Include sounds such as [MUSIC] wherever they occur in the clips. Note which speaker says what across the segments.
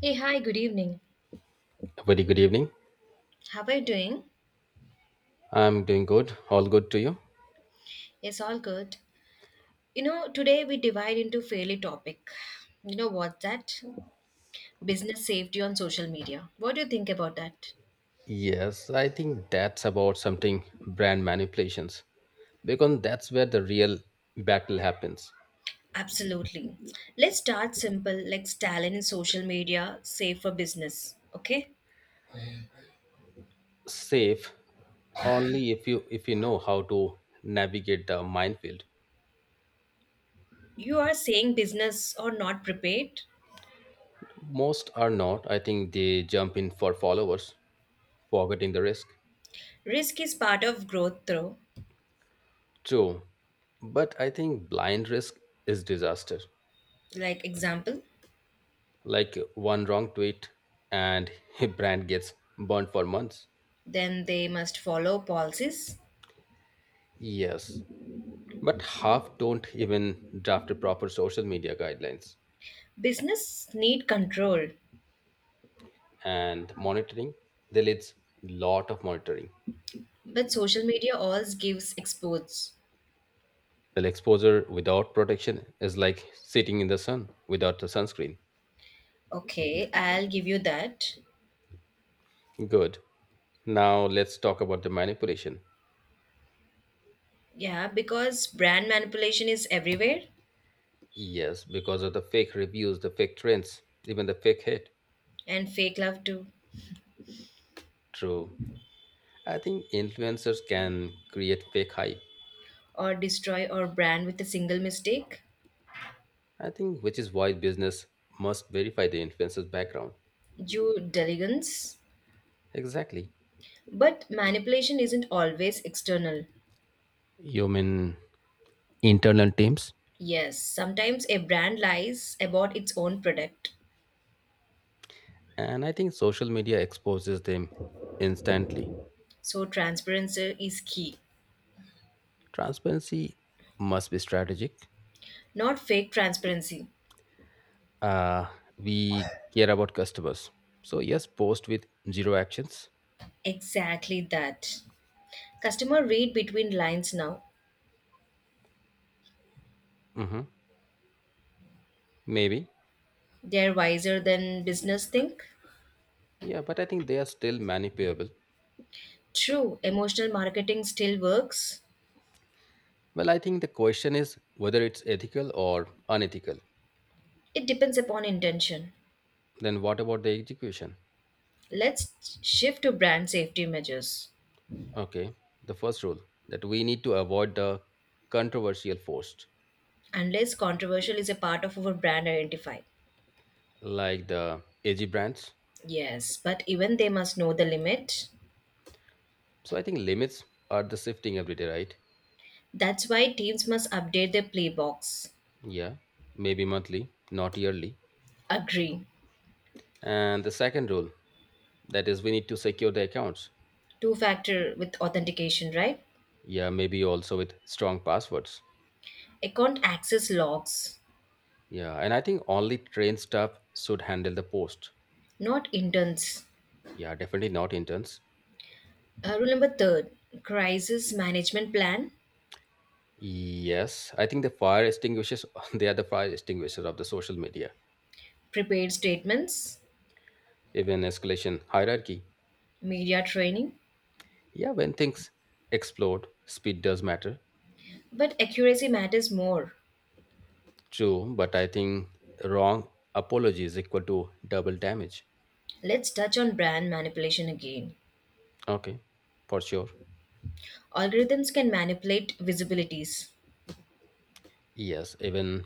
Speaker 1: Hey, hi, good evening.
Speaker 2: Very good evening.
Speaker 1: How are you doing?
Speaker 2: I'm doing good. All good to you?
Speaker 1: It's all good. You know, today we divide into fairly topic. You know what that? Business safety on social media. What do you think about that?
Speaker 2: Yes, I think that's about something brand manipulations because that's where the real battle happens.
Speaker 1: Absolutely. Let's start simple, like talent in social media, safe for business. Okay?
Speaker 2: Safe only if you know how to navigate the minefield.
Speaker 1: You are saying business or not prepared.
Speaker 2: Most are not. I think they jump in for followers, forgetting the risk.
Speaker 1: Risk is part of growth though.
Speaker 2: True, but I think blind risk is disaster.
Speaker 1: Like example,
Speaker 2: Like one wrong tweet and [LAUGHS] a brand gets burnt for months.
Speaker 1: then they must follow policies.
Speaker 2: Yes, but half don't even draft a proper social media guidelines
Speaker 1: Business need control.
Speaker 2: and monitoring. There leads lot of monitoring.
Speaker 1: But social media always gives exposures.
Speaker 2: Well, exposure without protection is like sitting in the sun without the sunscreen.
Speaker 1: Okay, I'll give you that.
Speaker 2: Good. Now let's talk about the manipulation.
Speaker 1: Yeah, because brand manipulation is everywhere
Speaker 2: Yes, because of the fake reviews, the fake trends, even the fake hate.
Speaker 1: and fake love too.
Speaker 2: True. I think influencers can create fake hype.
Speaker 1: Or destroy our brand with a single mistake.
Speaker 2: I think which is why business must verify the influencer's background.
Speaker 1: Due diligence.
Speaker 2: Exactly.
Speaker 1: But manipulation isn't always external.
Speaker 2: You mean internal teams,
Speaker 1: Yes, sometimes a brand lies about its own product.
Speaker 2: and I think social media exposes them instantly.
Speaker 1: So transparency is key.
Speaker 2: Transparency must be strategic.
Speaker 1: Not fake transparency.
Speaker 2: Uh, we care about customers. So, yes, post with zero actions.
Speaker 1: Exactly that. Customer read between lines now.
Speaker 2: Hmm. Maybe.
Speaker 1: They're wiser than business think.
Speaker 2: Yeah, but I think they are still manipulable.
Speaker 1: True, emotional marketing still works.
Speaker 2: Well, I think the question is whether it's ethical or unethical.
Speaker 1: It depends upon intention.
Speaker 2: Then, what about the execution?
Speaker 1: Let's shift to brand safety measures.
Speaker 2: Okay, the first rule that we need to avoid the controversial post
Speaker 1: Unless controversial is a part of our brand identify.
Speaker 2: like the edgy brands.
Speaker 1: Yes, but even they must know the limit.
Speaker 2: So I think limits are the shifting every day, right?
Speaker 1: That's why teams must update their playbooks.
Speaker 2: Yeah, maybe monthly, not yearly.
Speaker 1: Agree.
Speaker 2: And the second rule that is we need to secure the accounts.
Speaker 1: Two factor with authentication, right?
Speaker 2: Yeah, maybe also with strong passwords.
Speaker 1: Account access logs,
Speaker 2: Yeah, and I think only trained staff should handle the post.
Speaker 1: not intents.
Speaker 2: Yeah, definitely not interns.
Speaker 1: Rule number third crisis management plan,
Speaker 2: Yes, I think the fire extinguishers [LAUGHS] they are the fire extinguishers of the social media.
Speaker 1: prepared statements.
Speaker 2: Even escalation hierarchy.
Speaker 1: Media training,
Speaker 2: Yeah, when things explode, speed does matter.
Speaker 1: but accuracy matters more.
Speaker 2: True, but I think wrong apology is equal to double damage.
Speaker 1: Let's touch on brand manipulation again.
Speaker 2: Okay, for sure.
Speaker 1: Algorithms can manipulate visibilities,
Speaker 2: Yes, even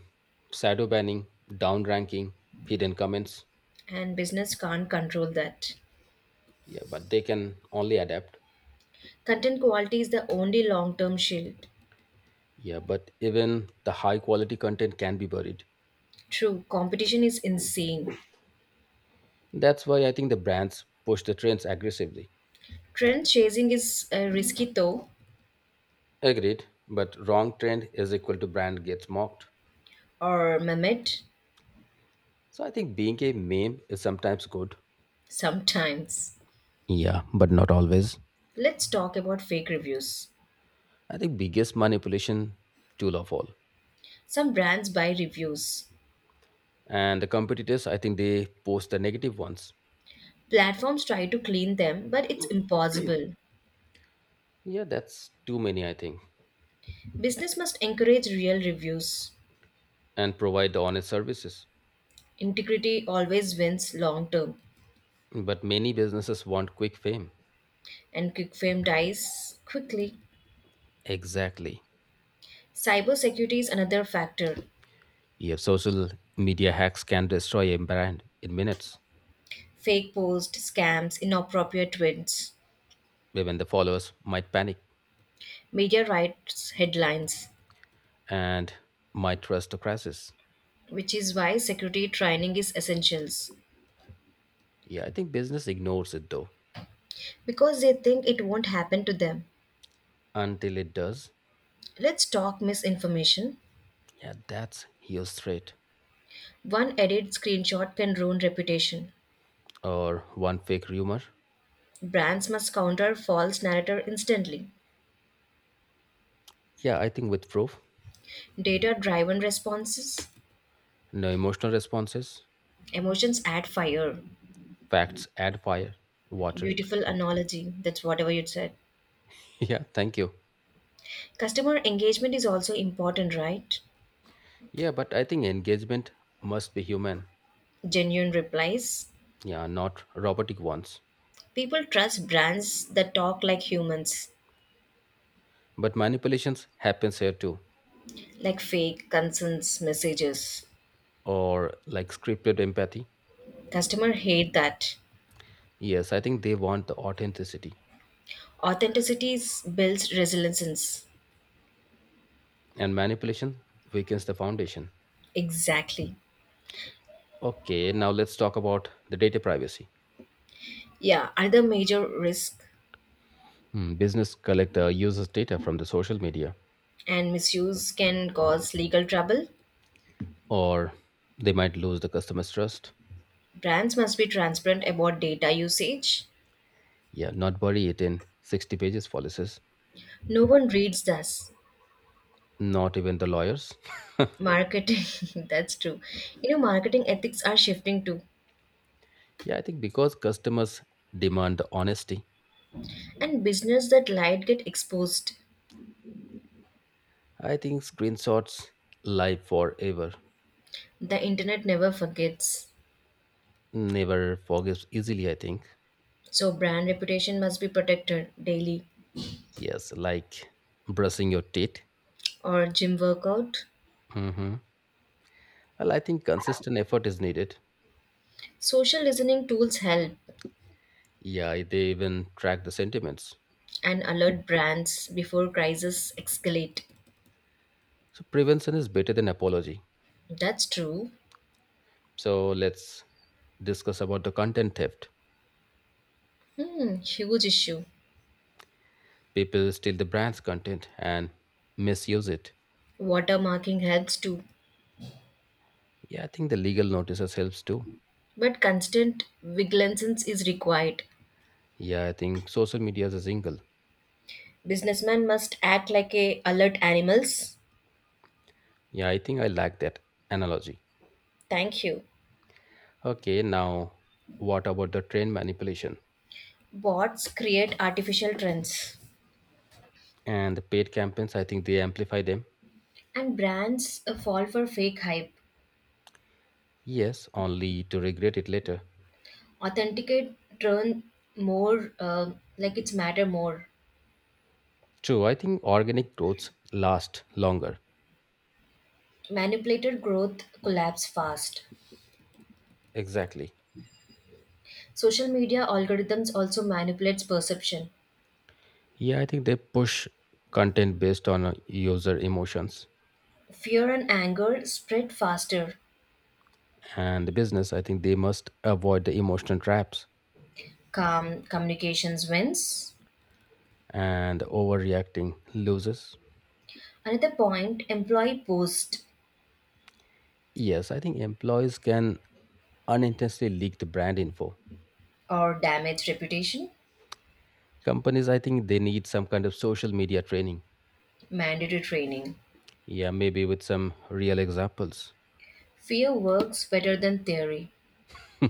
Speaker 2: shadow banning, down ranking, hidden comments.
Speaker 1: and business can't control that.
Speaker 2: Yeah, but they can only adapt.
Speaker 1: Content quality is the only long term shield.
Speaker 2: Yeah, but even the high quality content can be buried.
Speaker 1: True, competition is insane.
Speaker 2: That's why I think the brands push the trends aggressively.
Speaker 1: Trend chasing is risky though,
Speaker 2: Agreed, but wrong trend is equal to brand gets mocked.
Speaker 1: or Mehmet,
Speaker 2: So I think being a meme is sometimes good.
Speaker 1: sometimes.
Speaker 2: Yeah, but not always.
Speaker 1: Let's talk about fake reviews.
Speaker 2: I think biggest manipulation tool of all.
Speaker 1: Some brands buy reviews.
Speaker 2: And the competitors, I think they post the negative ones.
Speaker 1: Platforms try to clean them, but it's impossible.
Speaker 2: Yeah, that's too many, I think.
Speaker 1: Business must encourage real reviews.
Speaker 2: And provide the honest services.
Speaker 1: Integrity always wins long term,
Speaker 2: But many businesses want quick fame.
Speaker 1: and quick fame dies quickly.
Speaker 2: Exactly.
Speaker 1: Cybersecurity is another factor.
Speaker 2: Yeah, social media hacks can destroy a brand in minutes.
Speaker 1: Fake posts, scams, inappropriate tweets,
Speaker 2: When the followers might panic
Speaker 1: media rights headlines,
Speaker 2: and might trust the crisis.
Speaker 1: which is why security training is essentials
Speaker 2: Yeah, I think business ignores it though.
Speaker 1: because they think it won't happen to them.
Speaker 2: Until it does.
Speaker 1: Let's talk misinformation.
Speaker 2: Yeah, that's huge threat.
Speaker 1: One edited screenshot can ruin reputation.
Speaker 2: Or one fake rumor.
Speaker 1: Brands must counter false narrative instantly.
Speaker 2: Yeah, I think with proof.
Speaker 1: Data driven responses.
Speaker 2: No emotional responses.
Speaker 1: Emotions add fire.
Speaker 2: Facts add fire, water.
Speaker 1: Beautiful
Speaker 2: [LAUGHS]
Speaker 1: analogy. That's whatever you said.
Speaker 2: Yeah, thank you.
Speaker 1: Customer engagement is also important, right?
Speaker 2: Yeah, but I think engagement must be human.
Speaker 1: Genuine replies.
Speaker 2: Yeah, not robotic ones.
Speaker 1: People trust brands that talk like humans,
Speaker 2: But manipulations happens here too,
Speaker 1: like fake concerns messages.
Speaker 2: or like scripted empathy.
Speaker 1: Customer hate that.
Speaker 2: Yes, I think they want the authenticity,
Speaker 1: Builds resilience.
Speaker 2: and manipulation weakens the foundation.
Speaker 1: Exactly.
Speaker 2: Okay, now let's talk about the data privacy.
Speaker 1: Yeah, other major risk
Speaker 2: Hmm, business collector uses data from the social media,
Speaker 1: and misuse can cause legal trouble.
Speaker 2: or they might lose the customer's trust.
Speaker 1: Brands must be transparent about data usage.
Speaker 2: Yeah, not bury it in 60 pages policies.
Speaker 1: No one reads this.
Speaker 2: Not even the lawyers. [LAUGHS]
Speaker 1: Marketing, [LAUGHS] that's true. You know, marketing ethics are shifting too.
Speaker 2: Yeah, I think because customers demand honesty.
Speaker 1: And business that lied get exposed.
Speaker 2: I think screenshots live forever.
Speaker 1: The internet never forgets.
Speaker 2: Never forgives easily, I think.
Speaker 1: So brand reputation must be protected daily
Speaker 2: Yes, like brushing your teeth.
Speaker 1: or gym workout.
Speaker 2: Hmm. Well, I think consistent effort is needed.
Speaker 1: Social listening tools help
Speaker 2: Yeah, they even track the sentiments.
Speaker 1: and alert brands before crises escalate.
Speaker 2: So prevention is better than apology.
Speaker 1: That's true.
Speaker 2: So let's discuss about the content theft.
Speaker 1: Hmm, huge issue.
Speaker 2: People steal the brand's content and misuse it.
Speaker 1: Watermarking helps too,
Speaker 2: Yeah, I think the legal notices helps too.
Speaker 1: but constant vigilance is required.
Speaker 2: Yeah, I think social media is a jingle.
Speaker 1: Businessmen must act like a alert animals.
Speaker 2: Yeah, I think I like that analogy.
Speaker 1: Thank you.
Speaker 2: Okay, now what about the trend manipulation
Speaker 1: Bots create artificial trends
Speaker 2: and the paid campaigns? I think they amplify them.
Speaker 1: and brands fall for fake hype.
Speaker 2: Yes, only to regret it later.
Speaker 1: Authenticate turn more like it's matter more.
Speaker 2: True, I think organic growths last longer.
Speaker 1: Manipulated growth collapse fast.
Speaker 2: Exactly.
Speaker 1: Social media algorithms also manipulates perception.
Speaker 2: Yeah, I think they push content based on user emotions.
Speaker 1: Fear and anger spread faster.
Speaker 2: And the business, I think they must avoid the emotional traps
Speaker 1: Calm communications wins.
Speaker 2: and overreacting loses.
Speaker 1: Another point employee post
Speaker 2: Yes, I think employees can unintentionally leak the brand info.
Speaker 1: or damage reputation.
Speaker 2: Companies, I think they need some kind of social media training.
Speaker 1: Mandatory training.
Speaker 2: Yeah, maybe with some real examples.
Speaker 1: Fear works better than theory.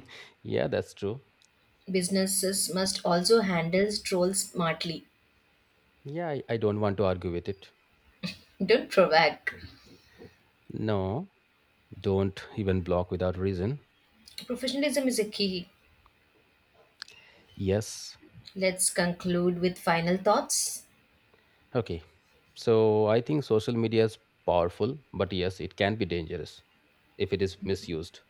Speaker 2: [LAUGHS] Yeah, that's true.
Speaker 1: Businesses must also handle trolls smartly.
Speaker 2: Yeah, I don't want to argue with it.
Speaker 1: Don't provoke.
Speaker 2: No, don't even block without reason.
Speaker 1: Professionalism is a key.
Speaker 2: Yes.
Speaker 1: Let's conclude with final thoughts.
Speaker 2: Okay. So I think social media is powerful, but yes, it can be dangerous if it is misused.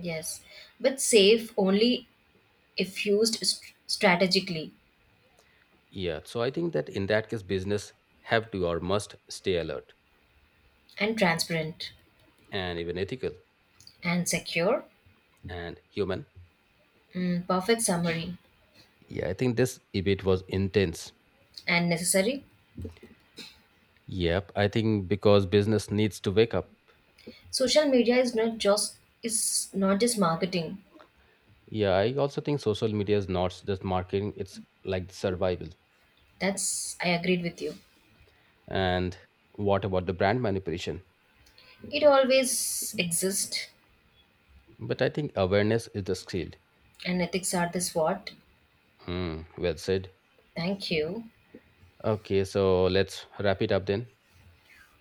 Speaker 1: Yes, but safe only if used strategically
Speaker 2: Yeah. So I think that in that case, business have to or must stay alert
Speaker 1: and transparent
Speaker 2: and even ethical
Speaker 1: and secure.
Speaker 2: and human.
Speaker 1: Mm, perfect summary
Speaker 2: Yeah, I think this debate was intense.
Speaker 1: and necessary.
Speaker 2: Yep, I think because business needs to wake up.
Speaker 1: Social media is not just marketing.
Speaker 2: Yeah, I also think social media is not just marketing, it's like survival.
Speaker 1: That's I agreed with you.
Speaker 2: And what about the brand manipulation?
Speaker 1: It always exists,
Speaker 2: But I think awareness is the skill.
Speaker 1: and ethics are this what.
Speaker 2: Hmm, well said.
Speaker 1: Thank you.
Speaker 2: Okay, so let's wrap it up then.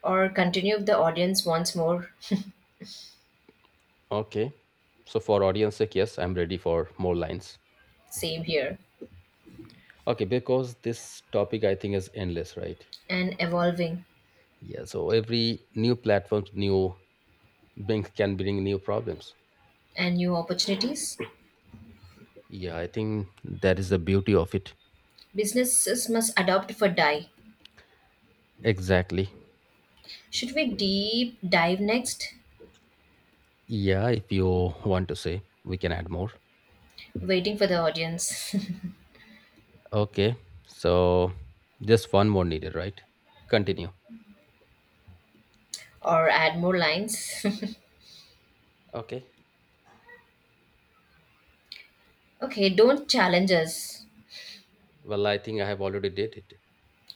Speaker 1: Or continue if the audience wants more.
Speaker 2: Okay. So for audience sake, yes, I'm ready for more lines.
Speaker 1: Same here
Speaker 2: Okay, because this topic I think is endless, right?
Speaker 1: and evolving
Speaker 2: Yeah, so every new platform, new Bing can bring new problems.
Speaker 1: and new opportunities.
Speaker 2: Yeah, I think that is the beauty of it.
Speaker 1: Businesses must adopt for die.
Speaker 2: Exactly.
Speaker 1: Should we deep dive next?
Speaker 2: Yeah, if you want to say, we can add more.
Speaker 1: Waiting for the audience. [LAUGHS]
Speaker 2: Okay, so just one more needed, right? Continue.
Speaker 1: Or add more lines.
Speaker 2: Okay.
Speaker 1: [LAUGHS] Okay, don't challenge us.
Speaker 2: Well, I think I have already did it.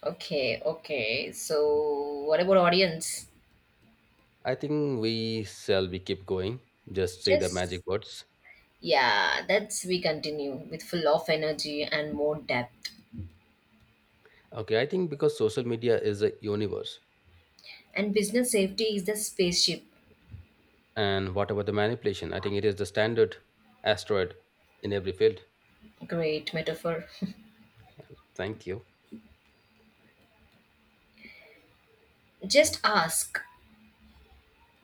Speaker 1: Okay, okay, so what about audience?
Speaker 2: I think we shall be keep going. Just say the
Speaker 1: Just
Speaker 2: magic words.
Speaker 1: yeah, that's we continue with full of energy and more depth.
Speaker 2: Okay, I think because social media is a universe,
Speaker 1: And business safety is the spaceship.
Speaker 2: and what about the manipulation? I think it is the standard asteroid in every field.
Speaker 1: Great metaphor.
Speaker 2: Thank you.
Speaker 1: Just ask.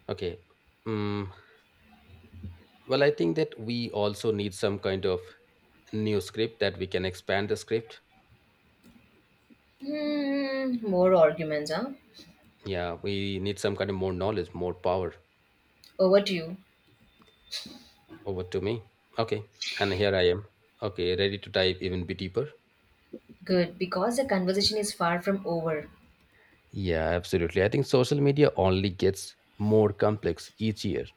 Speaker 2: Okay. Mm. Well, I think that we also need some kind of new script that we can expand the script.
Speaker 1: Hmm, more arguments, huh?
Speaker 2: Yeah, we need some kind of more knowledge, more power.
Speaker 1: Over to you.
Speaker 2: Over to me. Okay, and here I am. Okay, ready to dive even bit deeper.
Speaker 1: Good, because the conversation is far from over,
Speaker 2: Yeah, absolutely. I think social media only gets more complex each year.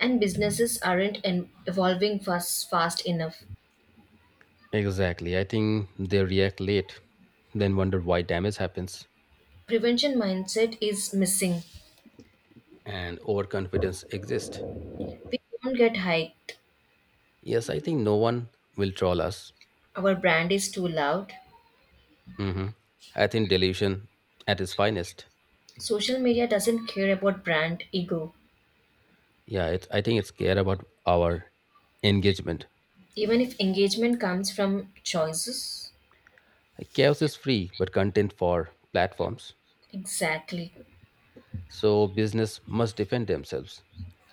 Speaker 1: and businesses aren't evolving fast enough.
Speaker 2: Exactly. I think they react late, then wonder why damage happens
Speaker 1: Prevention mindset is missing.
Speaker 2: and overconfidence exists.
Speaker 1: We don't get hyped.
Speaker 2: Yes, I think no one will troll us.
Speaker 1: Our brand is too loud.
Speaker 2: hmm I think delusion at its finest.
Speaker 1: Social media doesn't care about brand ego.
Speaker 2: Yeah, it's, I think it's care about our engagement.
Speaker 1: Even if engagement comes from choices,
Speaker 2: Like, chaos is free, but content for platforms.
Speaker 1: exactly.
Speaker 2: So business must defend themselves.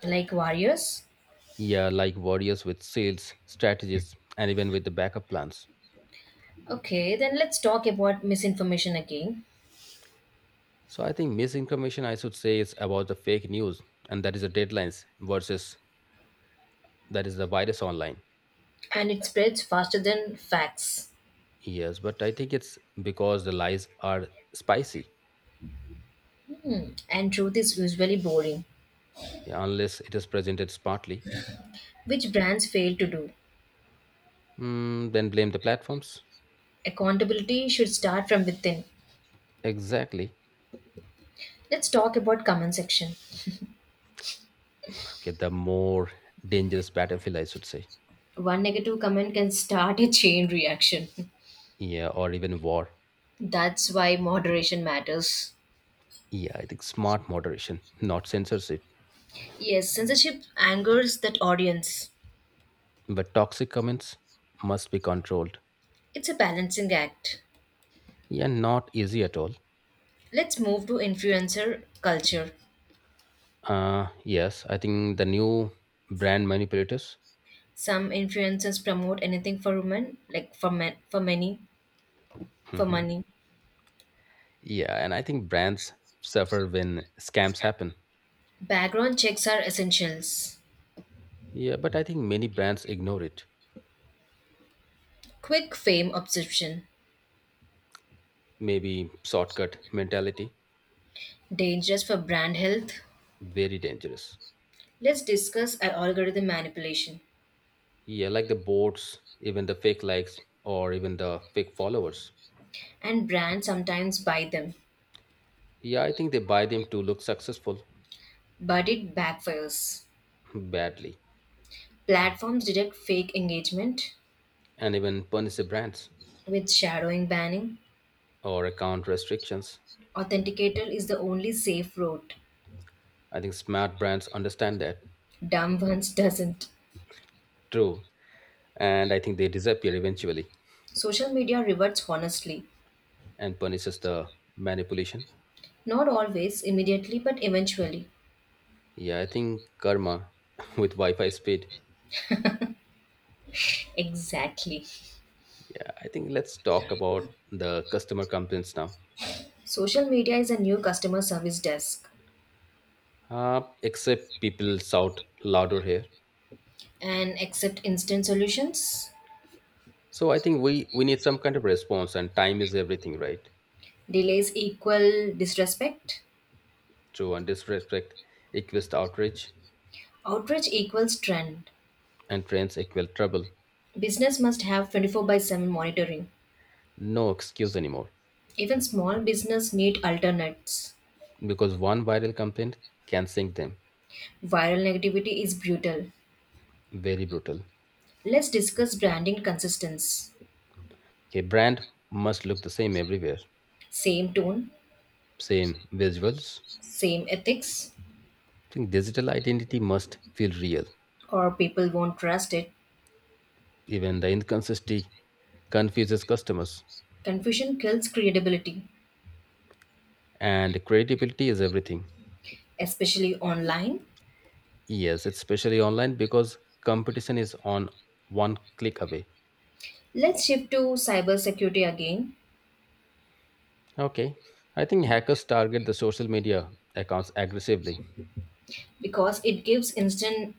Speaker 1: Like warriors?
Speaker 2: Yeah, like warriors with sales, strategies, and even with the backup plans.
Speaker 1: Okay, then let's talk about misinformation again.
Speaker 2: So I think misinformation, I should say, is about the fake news, and that is the deadlines versus that is the virus online.
Speaker 1: And it spreads faster than facts.
Speaker 2: Yes, but I think it's because the lies are spicy.
Speaker 1: And truth is usually boring,
Speaker 2: Yeah, unless it is presented smartly.
Speaker 1: which brands fail to do.
Speaker 2: Hmm, then blame the platforms.
Speaker 1: Accountability should start from within.
Speaker 2: Exactly.
Speaker 1: Let's talk about comment section.
Speaker 2: Okay, the more dangerous battlefield, I should say.
Speaker 1: One negative comment can start a chain reaction. [LAUGHS]
Speaker 2: Yeah, or even war.
Speaker 1: That's why moderation matters.
Speaker 2: Yeah, I think smart moderation, not censorship.
Speaker 1: Yes, censorship angers that audience.
Speaker 2: But toxic comments must be controlled.
Speaker 1: It's a balancing act.
Speaker 2: Yeah, not easy at all.
Speaker 1: Let's move to influencer culture.
Speaker 2: Yes, I think the new brand manipulators.
Speaker 1: Some influencers promote anything for women, like for men, for many, for
Speaker 2: Hmm.
Speaker 1: money.
Speaker 2: Yeah, and I think brands suffer when scams happen.
Speaker 1: Background checks are essentials.
Speaker 2: Yeah, but I think many brands ignore it.
Speaker 1: Quick fame obsession,
Speaker 2: Maybe shortcut mentality,
Speaker 1: dangerous for brand health.
Speaker 2: very dangerous.
Speaker 1: Let's discuss algorithm manipulation.
Speaker 2: Yeah, like the bots, even the fake likes, or even the fake followers.
Speaker 1: And brands sometimes buy them,
Speaker 2: Yeah, I think they buy them to look successful
Speaker 1: but it backfires.
Speaker 2: badly
Speaker 1: Platforms detect fake engagement
Speaker 2: and even punish the brands
Speaker 1: with shadowing banning.
Speaker 2: or account restrictions.
Speaker 1: Authenticator is the only safe route.
Speaker 2: I think smart brands understand that.
Speaker 1: Dumb ones doesn't.
Speaker 2: True. And I think they disappear eventually
Speaker 1: Social media reverts honestly.
Speaker 2: and punishes the manipulation.
Speaker 1: Not always, immediately, but eventually.
Speaker 2: Yeah, I think karma [LAUGHS] with Wi-Fi speed.
Speaker 1: Exactly.
Speaker 2: Yeah, I think let's talk about the customer complaints now.
Speaker 1: Social media is a new customer service desk.
Speaker 2: Except people shout louder here.
Speaker 1: And accept instant solutions.
Speaker 2: So I think we need some kind of response and time is everything, right?
Speaker 1: Delays equal disrespect.
Speaker 2: True, and disrespect equals outrage.
Speaker 1: Outrage equals trend.
Speaker 2: And trends equal trouble.
Speaker 1: Business must have 24/7 monitoring.
Speaker 2: No excuse anymore
Speaker 1: Even small business need alternates.
Speaker 2: because one viral complaint can sink them.
Speaker 1: Viral negativity is brutal.
Speaker 2: Very brutal.
Speaker 1: Let's discuss branding consistency.
Speaker 2: A brand must look the same everywhere,
Speaker 1: Same tone,
Speaker 2: same visuals. I
Speaker 1: same ethics,
Speaker 2: think digital identity must feel real.
Speaker 1: or people won't trust it.
Speaker 2: Even the inconsistency confuses customers,
Speaker 1: Confusion kills credibility,
Speaker 2: and creativity is everything.
Speaker 1: especially online.
Speaker 2: Yes, it's especially online because competition is on one click away.
Speaker 1: Let's shift to cybersecurity again
Speaker 2: Okay, I think hackers target the social media accounts aggressively
Speaker 1: because it gives instant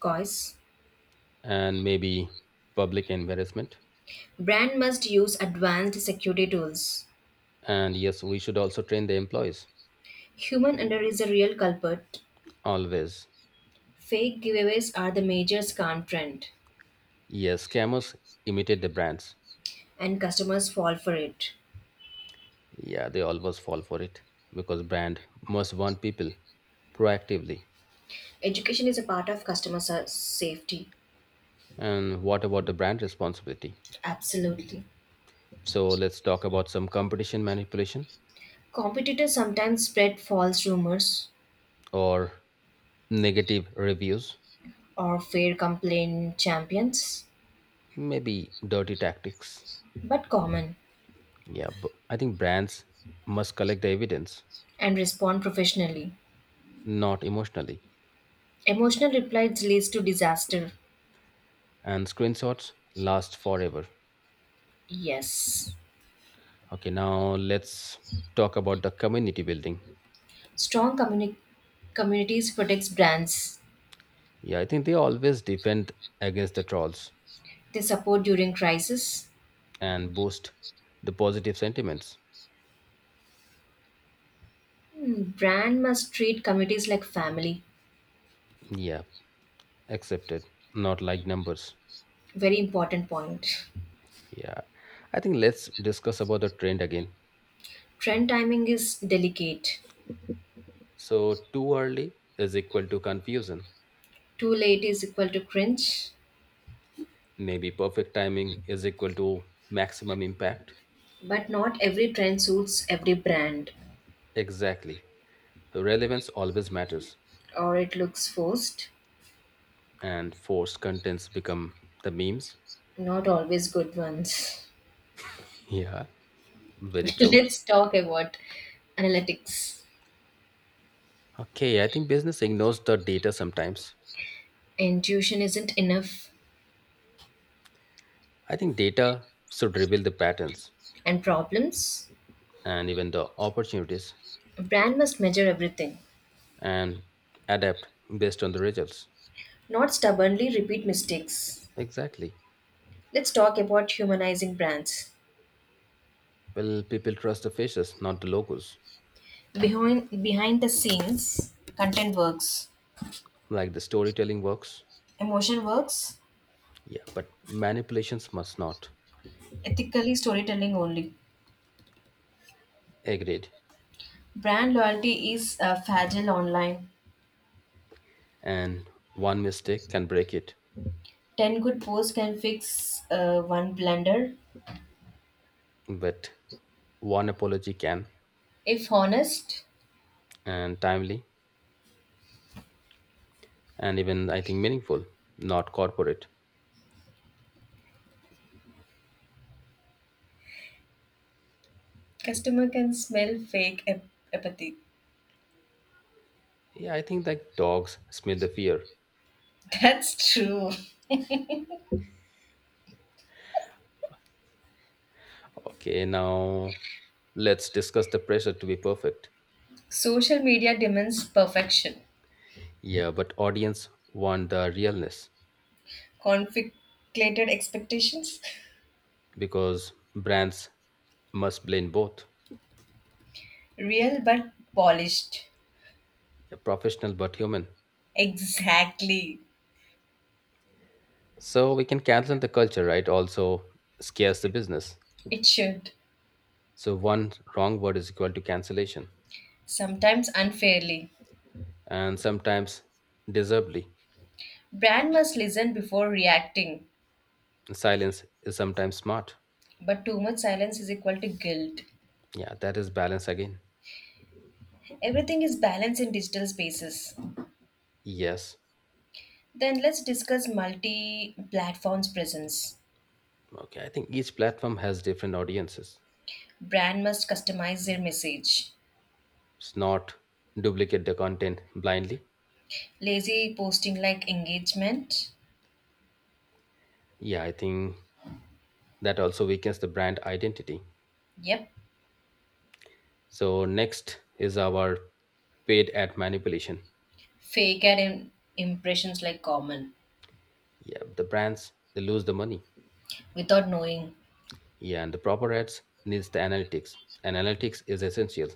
Speaker 1: coins.
Speaker 2: and maybe public embarrassment.
Speaker 1: Brand must use advanced security tools.
Speaker 2: And yes, we should also train the employees
Speaker 1: Human error is a real culprit.
Speaker 2: always.
Speaker 1: Fake giveaways are the major scam trend,
Speaker 2: Yes, scammers imitate the brands.
Speaker 1: and customers fall for it.
Speaker 2: Yeah, they always fall for it because brand must warn people proactively.
Speaker 1: Education is a part of safety.
Speaker 2: And what about the brand responsibility?
Speaker 1: Absolutely.
Speaker 2: So let's talk about some competition manipulation
Speaker 1: Competitors sometimes spread false rumors
Speaker 2: or negative reviews,
Speaker 1: or fair complaint champions,
Speaker 2: maybe dirty tactics.
Speaker 1: but common,
Speaker 2: Yeah, but I think brands must collect the evidence,
Speaker 1: and respond professionally.
Speaker 2: not emotionally.
Speaker 1: Emotional replies leads to disaster.
Speaker 2: And screenshots last forever.
Speaker 1: Yes.
Speaker 2: Okay, now let's talk about the community building.
Speaker 1: Strong communities protects brands.
Speaker 2: Yeah, I think they always defend against the trolls
Speaker 1: They support during crisis.
Speaker 2: and boost the positive sentiments.
Speaker 1: Hmm, brand must treat communities like family.
Speaker 2: Yeah, accepted, not like numbers.
Speaker 1: Very important point.
Speaker 2: Yeah, I think let's discuss about the trend again.
Speaker 1: Trend timing is delicate.
Speaker 2: So, too early is equal to confusion.
Speaker 1: Too late is equal to cringe,
Speaker 2: Maybe perfect timing is equal to maximum impact.
Speaker 1: but not every trend suits every brand
Speaker 2: Exactly. Relevance always matters,
Speaker 1: or it looks forced.
Speaker 2: and forced contents become the memes.
Speaker 1: Not always good ones.
Speaker 2: Yeah, very
Speaker 1: [LAUGHS]
Speaker 2: true.
Speaker 1: Let's talk about analytics.
Speaker 2: Okay, I think business ignores the data sometimes.
Speaker 1: Intuition isn't enough,
Speaker 2: I think data should reveal the patterns
Speaker 1: and problems.
Speaker 2: and even the opportunities
Speaker 1: A brand must measure everything,
Speaker 2: and adapt based on the results.
Speaker 1: not stubbornly repeat mistakes.
Speaker 2: Exactly.
Speaker 1: Let's talk about humanizing brands.
Speaker 2: Well, people trust the faces, not the logos.
Speaker 1: Behind the scenes, content works,
Speaker 2: Like the storytelling works.
Speaker 1: emotion works,
Speaker 2: Yeah, but manipulations must not.
Speaker 1: ethically storytelling only.
Speaker 2: Agreed.
Speaker 1: Brand loyalty is fragile online.
Speaker 2: And one mistake can break it,
Speaker 1: Ten good posts can fix one blunder.
Speaker 2: but one apology can,
Speaker 1: If honest,
Speaker 2: and timely, and even I think meaningful, not corporate.
Speaker 1: customer can smell apathy.
Speaker 2: Yeah, I think like dogs smell the fear.
Speaker 1: [LAUGHS] That's true.
Speaker 2: Okay, now let's discuss the pressure to be perfect.
Speaker 1: Social media demands perfection,
Speaker 2: Yeah, but audience want the realness
Speaker 1: conflicted expectations,
Speaker 2: because brands must blend both,
Speaker 1: real but polished.
Speaker 2: professional but human.
Speaker 1: Exactly.
Speaker 2: So we can cancel the culture, right? Also scares the business.
Speaker 1: It should,
Speaker 2: So one wrong word is equal to cancellation.
Speaker 1: sometimes unfairly.
Speaker 2: And sometimes deservedly.
Speaker 1: Brand must listen before reacting,
Speaker 2: Silence is sometimes smart.
Speaker 1: but too much silence is equal to guilt.
Speaker 2: Yeah, that is balance again.
Speaker 1: Everything is balanced in digital spaces.
Speaker 2: Yes.
Speaker 1: Then let's discuss multi platforms presence.
Speaker 2: Okay, I think each platform has different audiences.
Speaker 1: Brand must customize their message.
Speaker 2: It's not duplicate the content blindly.
Speaker 1: Lazy posting like engagement.
Speaker 2: Yeah, I think that also weakens the brand identity.
Speaker 1: Yep.
Speaker 2: So next is our paid ad manipulation.
Speaker 1: Fake ad im- impressions like common
Speaker 2: Yeah, the brands they lose the money.
Speaker 1: without knowing.
Speaker 2: Yeah, and the proper ads needs the analytics. And analytics is essential,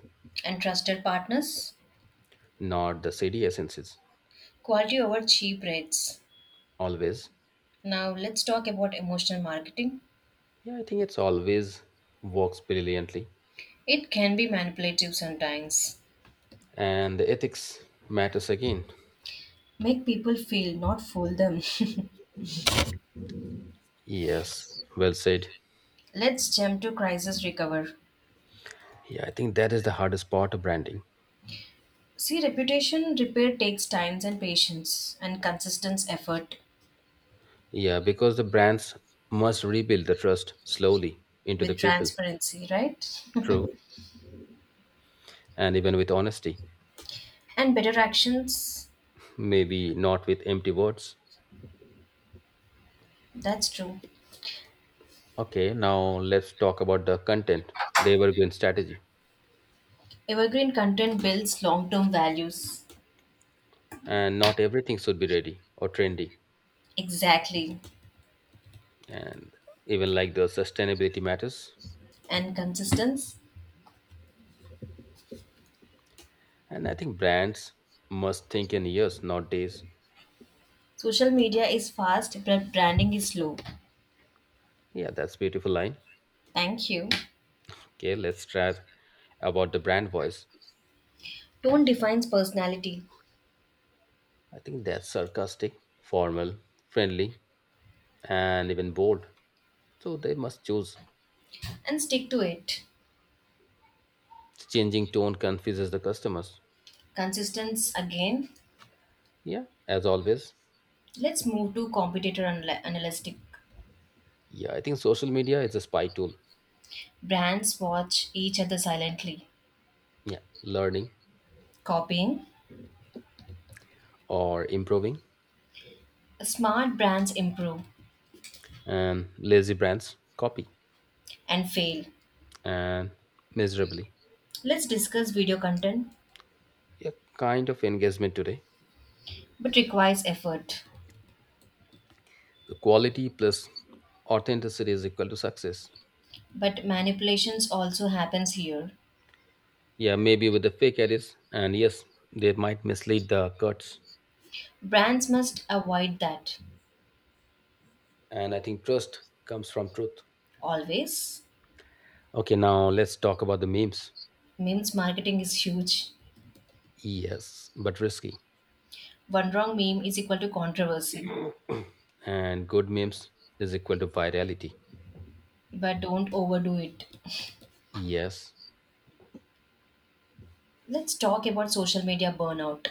Speaker 1: And trusted partners.
Speaker 2: not the CD essences.
Speaker 1: Quality over cheap rates.
Speaker 2: Always.
Speaker 1: Now let's talk about emotional marketing.
Speaker 2: Yeah, I think it's always works brilliantly.
Speaker 1: It can be manipulative sometimes.
Speaker 2: And the ethics matters again.
Speaker 1: Make people feel, not fool them. [LAUGHS]
Speaker 2: Yes, well said.
Speaker 1: Let's jump to crisis recover.
Speaker 2: Yeah, I think that is the hardest part of branding.
Speaker 1: See, reputation repair takes time and patience and consistent effort
Speaker 2: Yeah, because the brands must rebuild the trust slowly into
Speaker 1: with
Speaker 2: the people.
Speaker 1: transparency, right?
Speaker 2: True. And even with honesty,
Speaker 1: [LAUGHS] And better actions.
Speaker 2: maybe not with empty words.
Speaker 1: That's true.
Speaker 2: Okay, now let's talk about the content, the evergreen strategy.
Speaker 1: Evergreen content builds long term values.
Speaker 2: And not everything should be ready or trendy.
Speaker 1: Exactly.
Speaker 2: And even like the sustainability matters.
Speaker 1: And consistency.
Speaker 2: And I think brands must think in years, not days.
Speaker 1: Social media is fast, but branding is slow.
Speaker 2: Yeah, that's beautiful line.
Speaker 1: Thank you.
Speaker 2: Okay, let's try about the brand voice.
Speaker 1: Tone defines personality
Speaker 2: I think that's sarcastic, formal, friendly, and even bored. So they must choose.
Speaker 1: and stick to it.
Speaker 2: Changing tone confuses the customers.
Speaker 1: Consistency again.
Speaker 2: Yeah, as always.
Speaker 1: Let's move to analytic.
Speaker 2: Yeah, I think social media is a spy tool.
Speaker 1: Brands watch each other silently,
Speaker 2: Yeah, learning
Speaker 1: copying.
Speaker 2: or improving.
Speaker 1: Smart brands improve
Speaker 2: And lazy brands copy
Speaker 1: and fail.
Speaker 2: and miserably.
Speaker 1: Let's discuss video content,
Speaker 2: Yeah, kind of engagement today.
Speaker 1: but requires effort.
Speaker 2: The quality plus authenticity is equal to success.
Speaker 1: But manipulations also happens here.
Speaker 2: Yeah, maybe with the fake edits. And yes, they might mislead the cuts.
Speaker 1: Brands must avoid that
Speaker 2: And I think trust comes from truth.
Speaker 1: always.
Speaker 2: Okay, now let's talk about the memes.
Speaker 1: Memes marketing is huge.
Speaker 2: Yes, but risky.
Speaker 1: One wrong meme is equal to controversy,
Speaker 2: And good memes is equal to virality.
Speaker 1: but don't overdo it.
Speaker 2: Yes.
Speaker 1: Let's talk about social media burnout.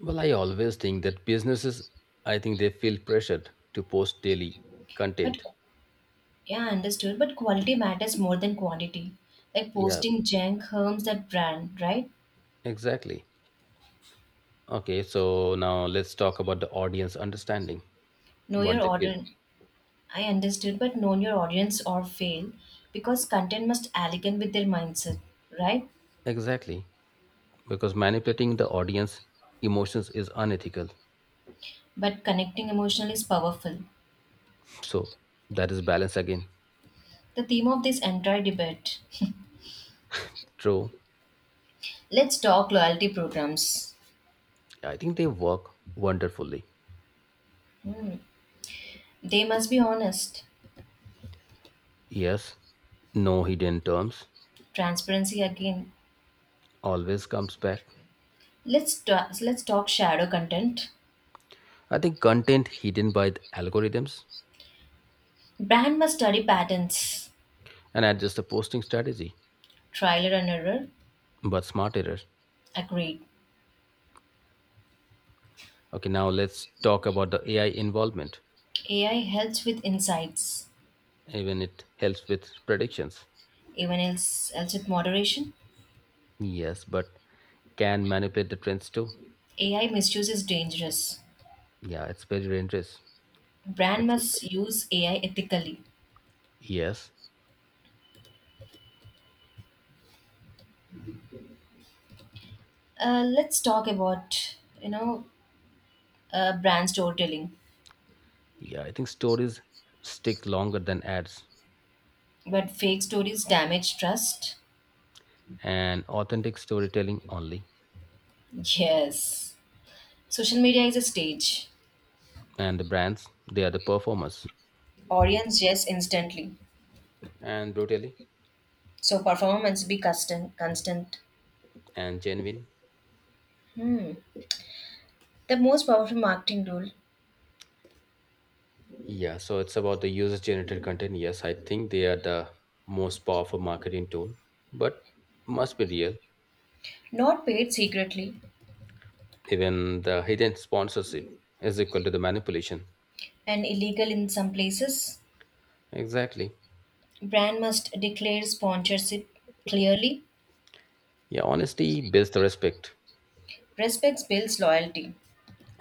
Speaker 2: Well, I always think that businesses, I think they feel pressured to post daily
Speaker 1: But
Speaker 2: content.
Speaker 1: yeah, understood. But quality matters more than quantity. Like
Speaker 2: Yeah,
Speaker 1: posting junk harms that brand, right?
Speaker 2: exactly. Okay, so now let's talk about the audience understanding
Speaker 1: Know
Speaker 2: what
Speaker 1: your
Speaker 2: they feel.
Speaker 1: audience. I understood, but know your audience or fail, because content must align with their mindset, right?
Speaker 2: Exactly. Because manipulating the audience emotions is unethical.
Speaker 1: But connecting emotionally is powerful.
Speaker 2: So that is balance again.
Speaker 1: The theme of this entire debate.
Speaker 2: True.
Speaker 1: Let's talk loyalty programs.
Speaker 2: I think they work wonderfully.
Speaker 1: Hmm. They must be honest.
Speaker 2: Yes. No hidden terms.
Speaker 1: Transparency again.
Speaker 2: Always comes back.
Speaker 1: Let's talk shadow content.
Speaker 2: I think content hidden by the algorithms
Speaker 1: Brand must study patterns.
Speaker 2: and adjust the posting strategy,
Speaker 1: Trial and error.
Speaker 2: but smarter.
Speaker 1: Agreed.
Speaker 2: Okay, now let's talk about the AI involvement.
Speaker 1: AI helps with insights,
Speaker 2: Even it helps with predictions.
Speaker 1: even else with moderation.
Speaker 2: Yes, but can manipulate the trends too.
Speaker 1: AI misuse is dangerous.
Speaker 2: Yeah, it's very dangerous.
Speaker 1: Brand
Speaker 2: Except
Speaker 1: must use AI ethically.
Speaker 2: yes,
Speaker 1: Let's talk about brand storytelling.
Speaker 2: yeah, I think stories stick longer than ads,
Speaker 1: But fake stories damage trust.
Speaker 2: and authentic storytelling only.
Speaker 1: Yes, social media is a stage.
Speaker 2: And the brands, they are the performers,
Speaker 1: Audience yes instantly.
Speaker 2: and brutally
Speaker 1: So performance be constant. Constant.
Speaker 2: and genuine.
Speaker 1: Hmm. The most powerful marketing tool,
Speaker 2: Yeah, so it's about the user generated content. Yes, I think they are the most powerful marketing tool, but must be real.
Speaker 1: not paid secretly
Speaker 2: Even the hidden sponsorship is equal to the manipulation.
Speaker 1: and illegal in some places.
Speaker 2: Exactly.
Speaker 1: Brand must declare sponsorship clearly.
Speaker 2: Yeah, honesty builds the respect,
Speaker 1: Respects builds loyalty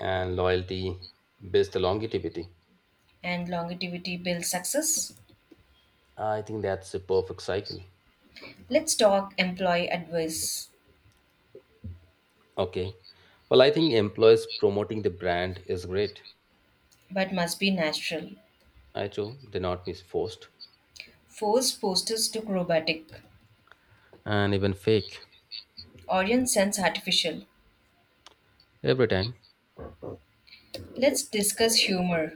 Speaker 2: and loyalty builds the longevity.
Speaker 1: and longevity builds success.
Speaker 2: I think that's a perfect cycle.
Speaker 1: Let's talk employee advice,
Speaker 2: Okay. Well, I think employees promoting the brand is great.
Speaker 1: but must be natural.
Speaker 2: I too, they're not misforced
Speaker 1: Force posters look robotic.
Speaker 2: and even fake
Speaker 1: Audience sense artificial.
Speaker 2: every time.
Speaker 1: Let's discuss humor,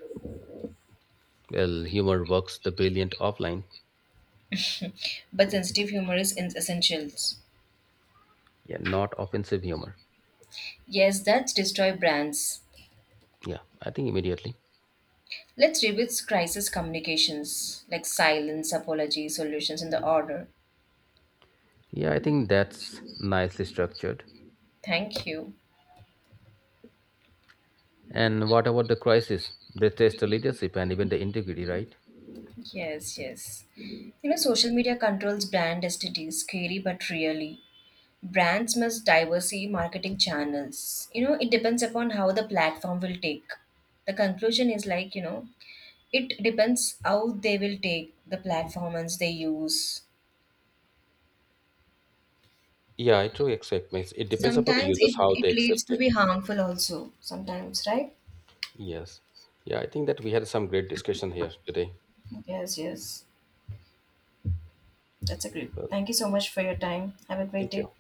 Speaker 2: Well, humor works the brilliant offline.
Speaker 1: but sensitive humor is in essentials.
Speaker 2: Yeah, not offensive humor.
Speaker 1: Yes, that's destroy brands.
Speaker 2: Yeah, I think immediately.
Speaker 1: Let's revisit crisis communications like silence, apology, solutions in the order.
Speaker 2: Yeah, I think that's nicely structured.
Speaker 1: Thank you.
Speaker 2: And what about the crisis? They test the leadership and even the integrity, right?
Speaker 1: Yes, yes. You know, social media controls brand identity, scary but really. Brands must diversify marketing channels. You know, it depends upon how the platform will take. The conclusion is like, you know, it depends how they will take the platforms they use.
Speaker 2: Yeah, I truly accept. Means it depends upon the
Speaker 1: Sometimes
Speaker 2: users
Speaker 1: it,
Speaker 2: how
Speaker 1: it
Speaker 2: they
Speaker 1: leads
Speaker 2: accept
Speaker 1: to be
Speaker 2: it.
Speaker 1: harmful also. Sometimes, right?
Speaker 2: Yes. Yeah, I think that we had some great discussion here today.
Speaker 1: Yes, yes. That's a great.
Speaker 2: Well,
Speaker 1: Thank you so much for your time. Have a great
Speaker 2: thank
Speaker 1: day.
Speaker 2: you.